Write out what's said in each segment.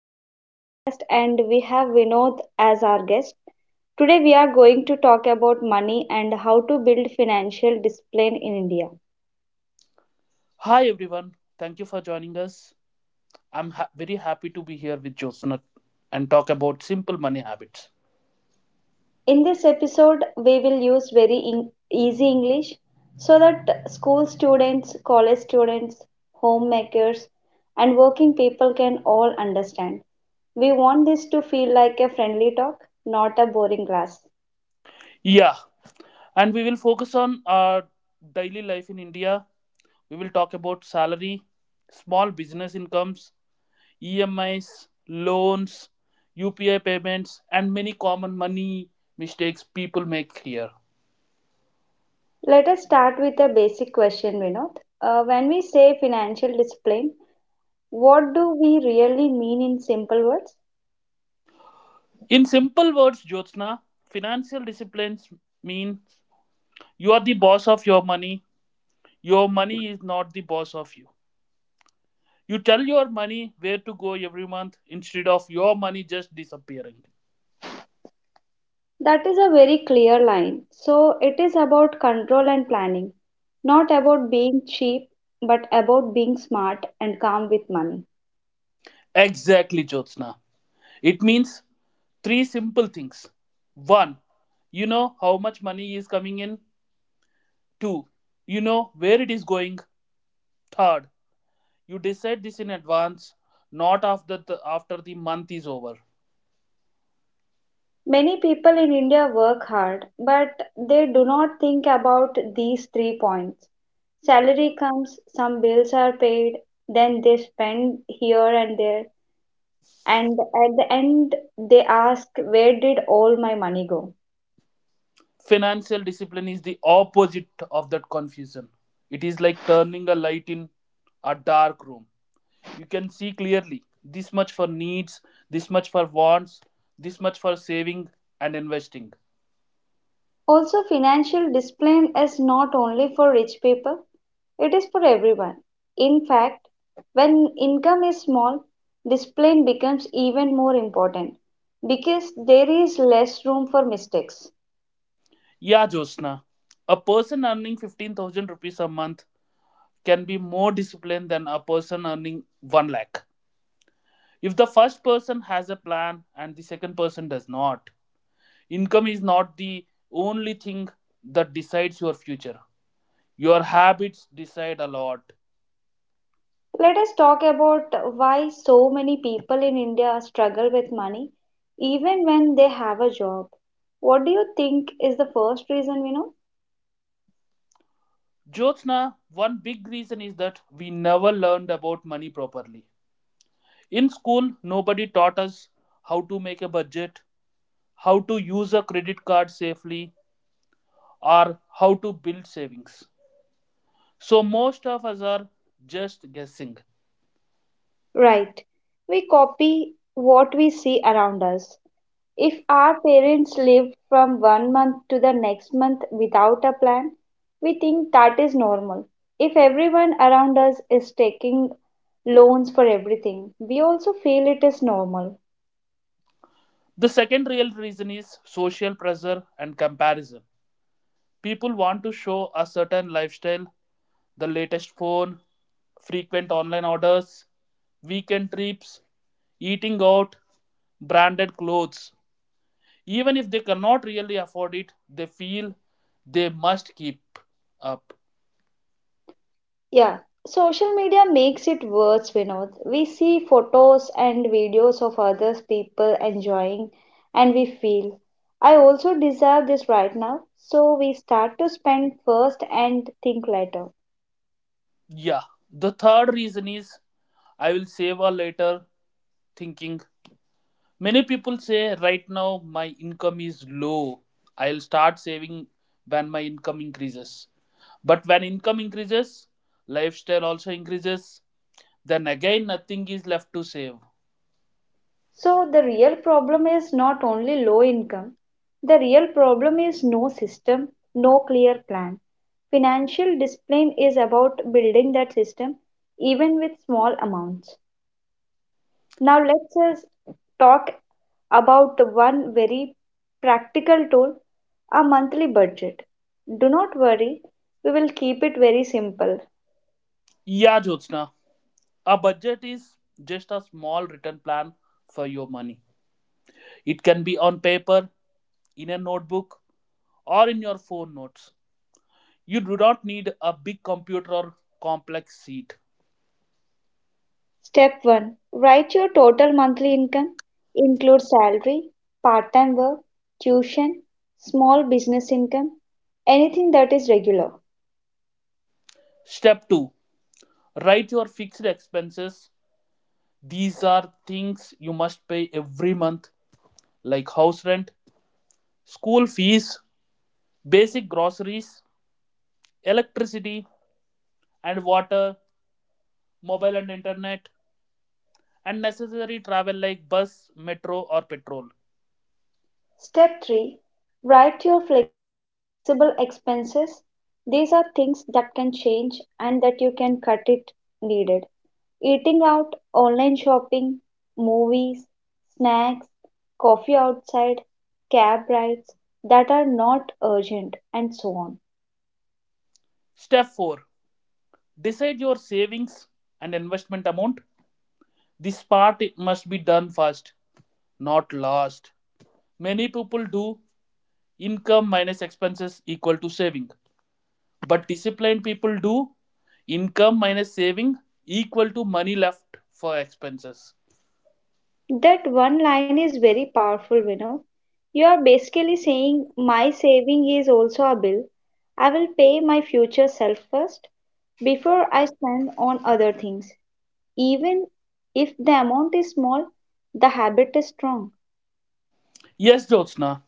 today's podcast, and we have Vinod as our guest. Today, we are going to talk about money and how to build financial discipline in India. Hi everyone, thank you for joining us. I'm very happy to be here with Josana and talk about simple money habits. In this episode, we will use easy English so that school students, college students, homemakers, and working people can all understand. We want this to feel like a friendly talk, not a boring class. Yeah, and we will focus on our daily life in India. We will talk about salary, small business incomes, EMIs, loans, UPI payments, and many common money mistakes people make here. Let us start with a basic question, Vinod. When we say financial discipline, what do we really mean in simple words? In simple words, Jyotsna, financial disciplines mean you are the boss of your money. Your money is not the boss of you. You tell your money where to go every month instead of your money just disappearing. That is a very clear line. So, it is about control and planning, not about being cheap, but about being smart and calm with money. Exactly, Jyotsna. It means three simple things. One, you know how much money is coming in. Two, you know where it is going. Third, you decide this in advance, not after the month is over. Many people in India work hard, but they do not think about these three points. Salary comes, some bills are paid, then they spend here and there, and at the end they ask, where did all my money go? Financial discipline is the opposite of that confusion. It is like turning a light in a dark room. You can see clearly, this much for needs, this much for wants, this much for saving and investing. Also, financial discipline is not only for rich people, it is for everyone. In fact, when income is small, discipline becomes even more important, because there is less room for mistakes. Yeah, Jyotsna, a person earning 15,000 rupees a month can be more disciplined than a person earning 1 lakh if the first person has a plan and the second person does not. Income is not the only thing that decides your future. Your habits decide a lot. Let us talk about why so many people in India struggle with money even when they have a job. What do you think is the first reason, Vinod? Jyotsna, one big reason is that we never learned about money properly. In school, nobody taught us how to make a budget, how to use a credit card safely, or how to build savings. So most of us are just guessing. Right. We copy what we see around us. If our parents live from one month to the next month without a plan, we think that is normal. If everyone around us is taking loans for everything, we also feel it is normal. The second real reason is social pressure and comparison. People want to show a certain lifestyle, the latest phone, frequent online orders, weekend trips, eating out, branded clothes. Even if they cannot really afford it, they feel they must keep up. Yeah, social media makes it worse, Vinod. We see photos and videos of other people enjoying, and we feel, I also deserve this right now. So we start to spend first and think later. Yeah. The third reason is "I will save or later" thinking. Many people say right now my income is low. I'll start saving when my income increases. But when income increases, lifestyle also increases. Then again, nothing is left to save. So the real problem is not only low income, the real problem is no system, no clear plan. Financial discipline is about building that system, even with small amounts. Now let's us talk about one very practical tool, a monthly budget. Do not worry, we will keep it very simple. Yeah, Jyotsna. A budget is just a small written plan for your money. It can be on paper, in a notebook, or in your phone notes. You do not need a big computer or complex sheet. Step 1, write your total monthly income. Include salary, part time work, tuition, small business income, anything that is regular. Step 2, write your fixed expenses. These are things you must pay every month, like house rent, school fees, basic groceries, electricity and water, mobile and internet, and necessary travel like bus, metro, or petrol. Step 3, write your flexible expenses. These are things that can change and that you can cut it needed. Eating out, online shopping, movies, snacks, coffee outside, cab rides that are not urgent, and so on. Step 4, decide your savings and investment amount. This part must be done first, not last. Many people do income minus expenses equal to saving, but disciplined people do income minus saving equal to money left for expenses. That one line is very powerful, you know. You are basically saying, my saving is also a bill. I will pay my future self first before I spend on other things. Even if the amount is small, the habit is strong. Yes, Jyotsna,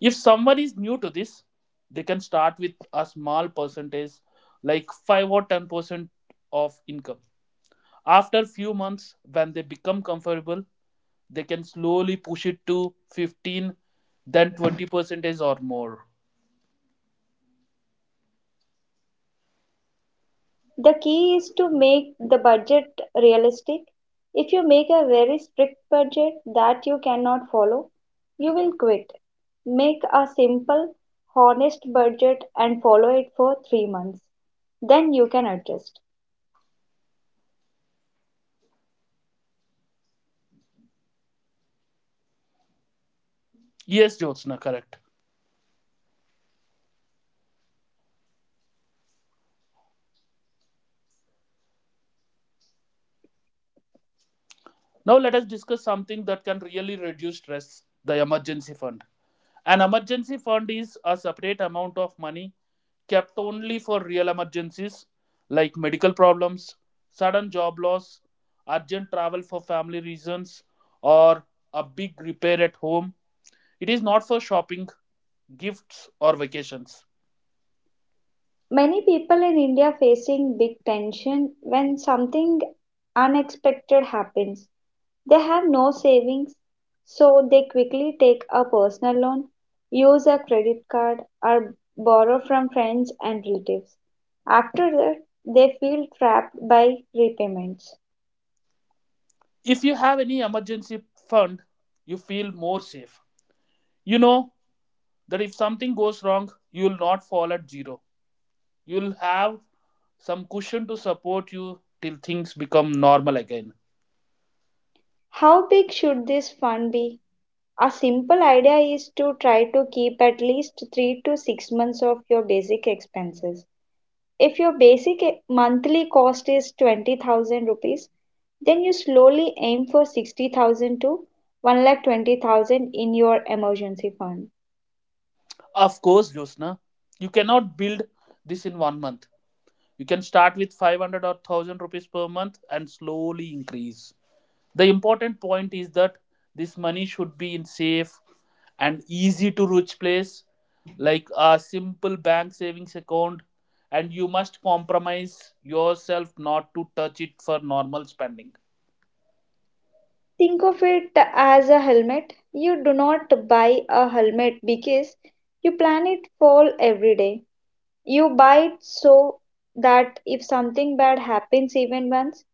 if someone is new to this, they can start with a small percentage like 5 or 10% of income. After few months, when they become comfortable, they can slowly push it to 15 then 20% is or more. The key is to make the budget realistic. If you make a very strict budget that you cannot follow, you will quit. Make a simple, honest budget and follow it for 3 months. Then you can adjust. Yes, jyotsna, correct. Now let us discuss something that can really reduce stress, the emergency fund. An emergency fund is a separate amount of money kept only for real emergencies like medical problems, sudden job loss, urgent travel for family reasons, or a big repair at home. It is not for shopping, gifts or vacations. Many people in India facing big tension when something unexpected happens. They have no savings, so they quickly take a personal loan, use a credit card, or borrow from friends and relatives. After that, they feel trapped by repayments. If you have any emergency fund, you feel more safe. You know that if something goes wrong, you will not fall at zero. You'll have some cushion to support you till things become normal again. How big should this fund be? A simple idea is to try to keep at least 3 to 6 months of your basic expenses. If your monthly cost is 20,000 rupees, then you slowly aim for 60,000 to 1,20,000 in your emergency fund. Of course, Josna, you cannot build this in one month. You can start with 500 or 1000 rupees per month and slowly increase. The important point is that this money should be in safe and easy to reach place like a simple bank savings account, and you must compromise yourself not to touch it for normal spending. Think of it as a helmet. You do not buy a helmet because you plan it fall every day. You buy it so that if something bad happens even once,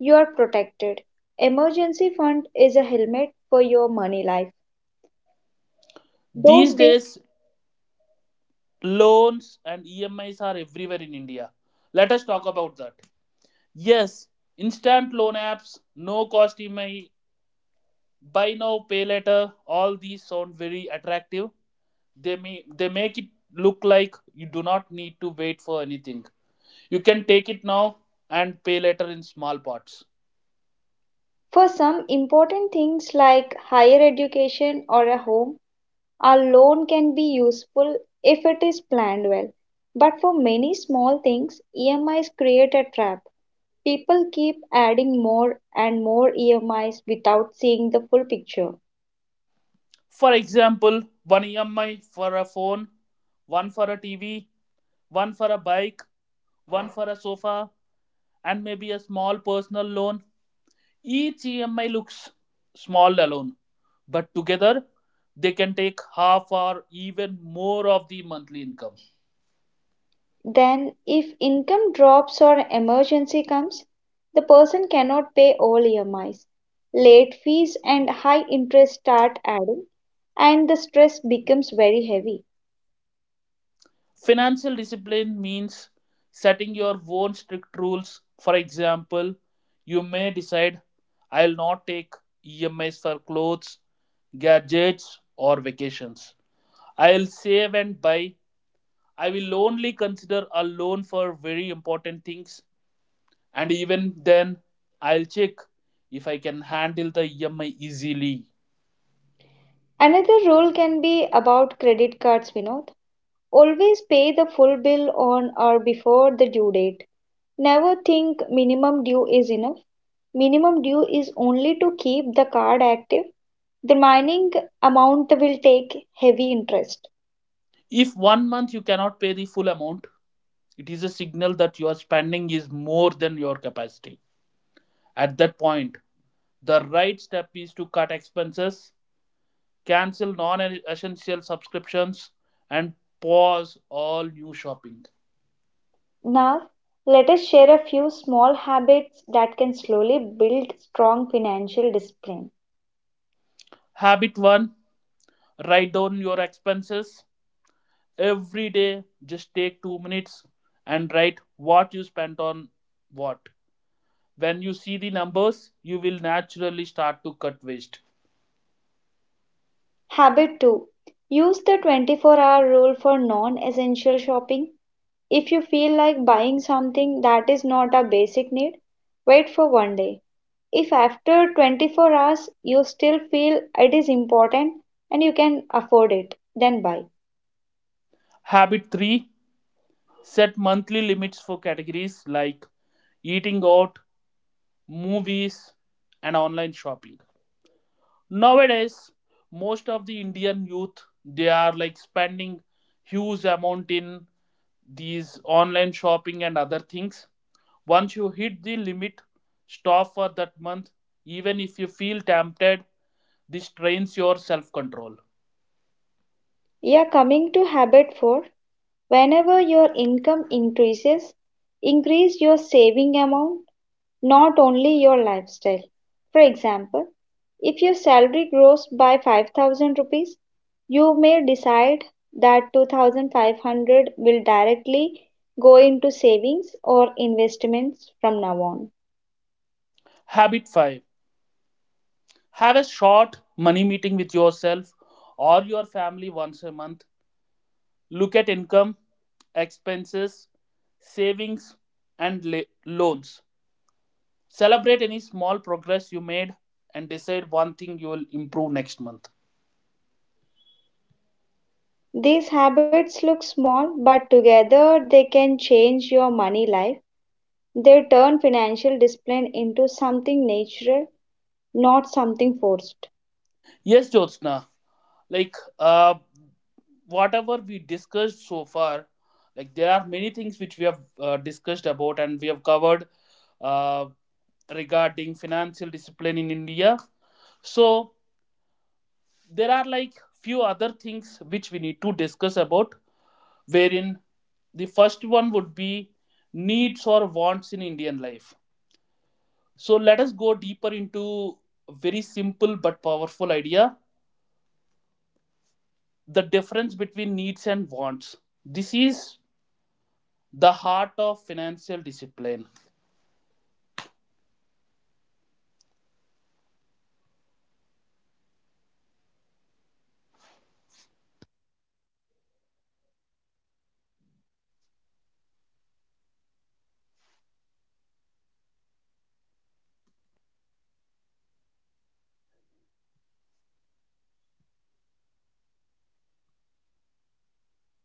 you are protected. Emergency fund is a helmet for your money life. These Those days. days loans and EMIs are everywhere in India. Let us talk about that. Yes, instant loan apps, no cost EMI, buy now, pay later, all these sound very attractive. They make it look like you do not need to wait for anything. You can take it now and pay later in small parts. For some, important things like higher education or a home, a loan can be useful if it is planned well. But for many small things, EMIs create a trap. People keep adding more and more EMIs without seeing the full picture. For example, one EMI for a phone, one for a TV, one for a bike, one for a sofa, and maybe a small personal loan. Each EMI looks small alone, but together they can take half or even more of the monthly income. Then, if income drops or emergency comes, the person cannot pay all EMIs. Late fees and high interest start adding, and the stress becomes very heavy. Financial discipline means setting your own strict rules. For example, you may decide, I'll not take EMIs for clothes, gadgets, or vacations. I'll save and buy. I will only consider a loan for very important things. And even then, I'll check if I can handle the EMI easily. Another rule can be about credit cards, Vinod. Always pay the full bill on or before the due date. Never think minimum due is enough. Minimum due is only to keep the card active. The remaining amount will take heavy interest. If one month you cannot pay the full amount, it is a signal that your spending is more than your capacity. At that point, the right step is to cut expenses, cancel non essential subscriptions, and pause all new shopping. Now, let us share a few small habits that can slowly build strong financial discipline. Habit 1, write down your expenses. Every day, just take 2 minutes and write what you spent on what. When you see the numbers, you will naturally start to cut waste. Habit 2, use the 24-hour rule for non essential shopping. If you feel like buying something that is not a basic need, wait for one day. If after 24 hours you still feel it is important and you can afford it, then buy. Habit 3, set monthly limits for categories like eating out, movies, and online shopping. Nowadays, most of the Indian youth they are like spending huge amount in these online shopping and other things. Once you hit the limit, stop for that month. Even if you feel tempted, this trains your self control. Yeah, coming to habit 4, whenever your income increases, increase your saving amount, not only your lifestyle. For example, if your salary grows by 5,000 rupees, you may decide that 2,500 will directly go into savings or investments from now on. Habit 5, have a short money meeting with yourself or your family once a month. Look at income, expenses, savings, and loans. Celebrate any small progress you made and decide one thing you will improve next month. These habits look small, but together they can change your money life. They turn financial discipline into something natural, not something forced. Yes, Jyotsna, like uh, whatever we discussed so far, like there are many things which we have discussed about and we have covered uh, regarding financial discipline in India. So there are like few other things which we need to discuss about, wherein the first one would be needs or wants in Indian life. So let us go deeper into a very simple but powerful idea, the difference between needs and wants. This is the heart of financial discipline.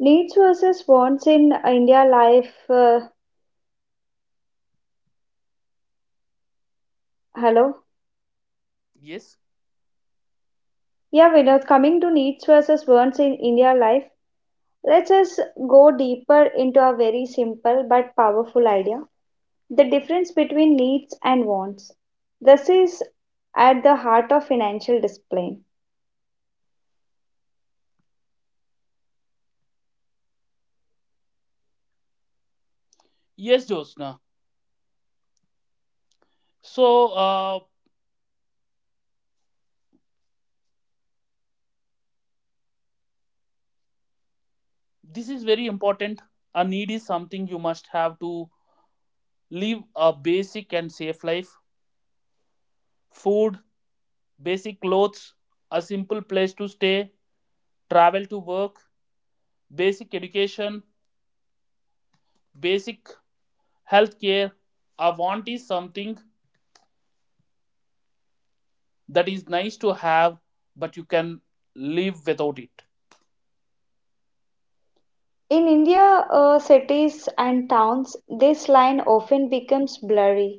Needs versus wants in India life. Hello? Yes, Yeah, Vinod, coming to needs versus wants in India life, let's just go deeper into a very simple but powerful idea, the difference between needs and wants. This is at the heart of financial discipline. yes, Josna. So uh, this is very important. A need is something you must have to live a basic and safe life. Food, basic clothes, a simple place to stay, travel to work, basic education, basic health care. A want is something that is nice to have, but you can live without it. In India, cities and towns, this line often becomes blurry.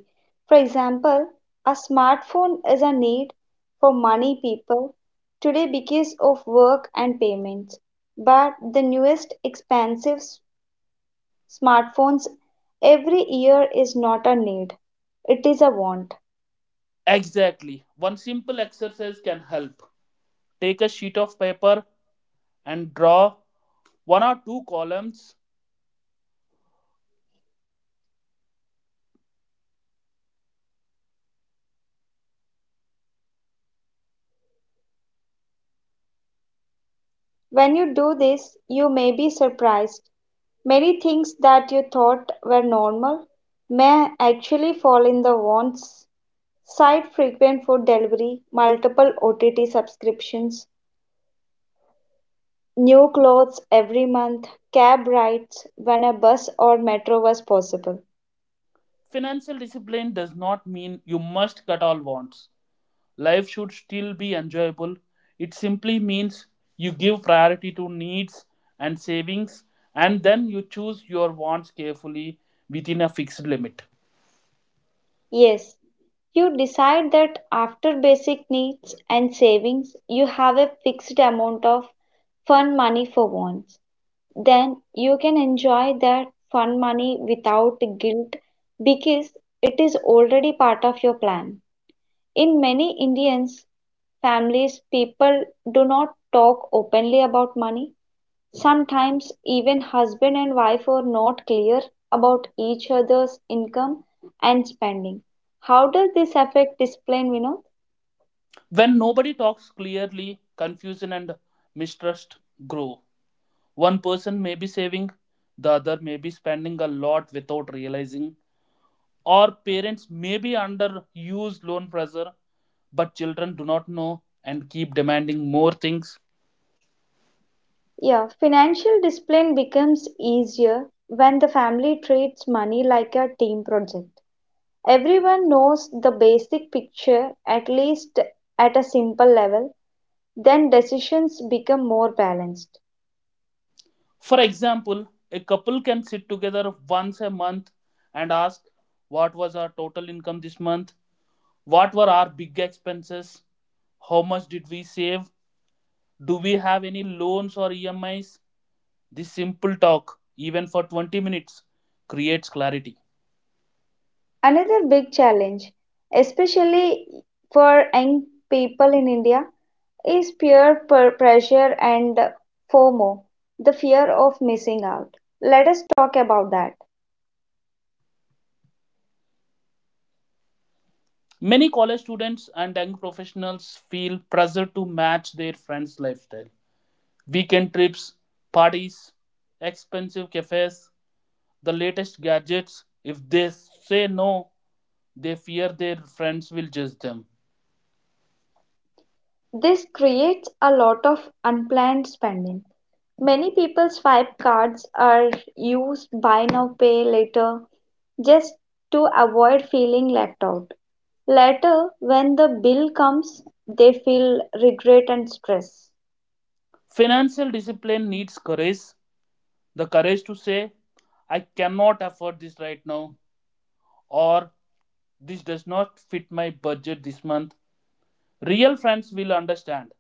For example, a smartphone is a need for money people today because of work and payments. But the newest smartphones every year is not a need, it is a want. Exactly. One simple exercise can help. Take a sheet of paper and draw one or two columns. When you do this, you may be surprised. Many things that you thought were normal may actually fall in the wants site, frequent food delivery, multiple OTT subscriptions, new clothes every month, cab rides when a bus or metro was possible. Financial discipline does not mean you must cut all wants. Life should still be enjoyable. It simply means you give priority to needs and savings, and then you choose your wants carefully within a fixed limit. Yes, you decide that after basic needs and savings, you have a fixed amount of fun money for wants. Then you can enjoy that fun money without guilt because it is already part of your plan. In many Indian families, people do not talk openly about money. Sometimes, even husband and wife are not clear about each other's income and spending. How does this affect discipline, Vinod? When nobody talks clearly, confusion and mistrust grow. One person may be saving, the other may be spending a lot without realizing, or parents may be under huge loan pressure, but children do not know and keep demanding more things. Yeah, financial discipline becomes easier when the family treats money like a team project. Everyone knows the basic picture at least at a simple level, then decisions become more balanced. For example, a couple can sit together once a month and ask, what was our total income this month? What were our big expenses? How much did we save? Do we have any loans or EMIs? This simple talk, even for 20 minutes, creates clarity. Another big challenge, especially for young people in India, is pressure and FOMO, the fear of missing out. Let us talk about that. Many college students and young professionals feel pressure to match their friends' lifestyle. Weekend trips, parties, expensive cafes, the latest gadgets. If they say no, they fear their friends will judge them. This creates a lot of unplanned spending. Many people's swipe cards are used buy now, pay later just to avoid feeling left out. Later, when the bill comes, they feel regret and stress. Financial discipline needs courage, the courage to say, I cannot afford this right now, or this does not fit my budget this month. Real friends will understand.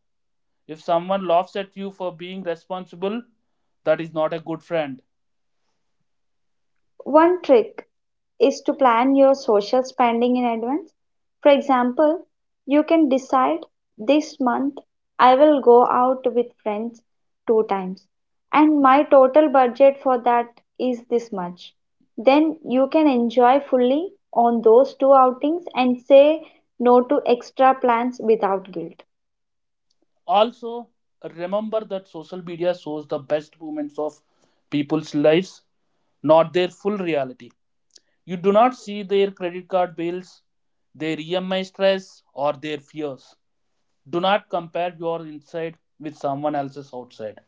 If someone laughs at you for being responsible, that is not a good friend. One trick is to plan your social spending in advance. For example, you can decide this month I will go out with friends two times and my total budget for that is this much. Then you can enjoy fully on those two outings and say no to extra plans without guilt. Also, remember that social media shows the best moments of people's lives, not their full reality. You do not see their credit card bills, their EMI stress, or their fears. Do not compare your inside with someone else's outside.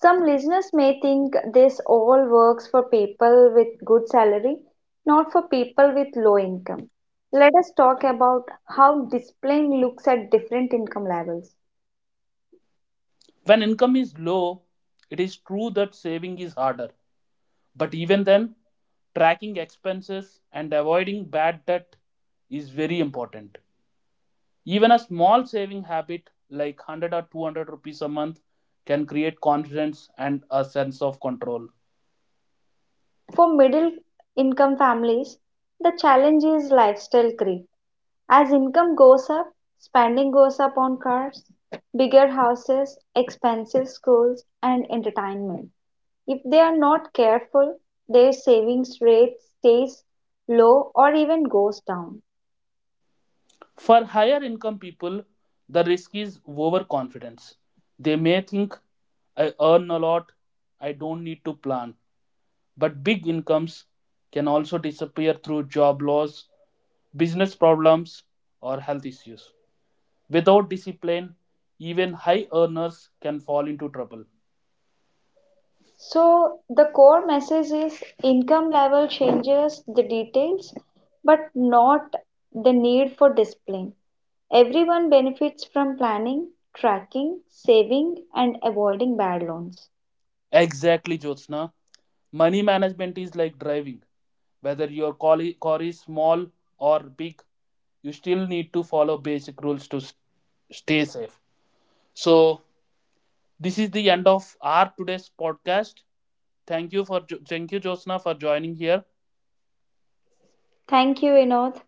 Some listeners may think this all works for people with good salary, not for people with low income. Let us talk about how displaying looks at different income levels. When income is low, it is true that saving is harder. But even then, tracking expenses and avoiding bad debt is very important. Even a small saving habit like 100 or 200 rupees a month can create confidence and a sense of control. For middle income families, the challenge is lifestyle creep. As income goes up, spending goes up on cars, bigger houses, expensive schools, and entertainment. If they are not careful, their savings rate stays low or even goes down. For higher income people, the risk is overconfidence. They may think, I earn a lot, I don't need to plan. But big incomes can also disappear through job loss, business problems, or health issues. Without discipline, even high earners can fall into trouble. So, the core message is income level changes the details, but not the need for discipline. Everyone benefits from planning, tracking, saving, and avoiding bad loans. Exactly, Jyotsna. Money management is like driving. Whether your car is small or big, you still need to follow basic rules to stay safe. So, this is the end of our today's podcast. Thank you, Jyotsna, for joining here. Thank you, Vinod.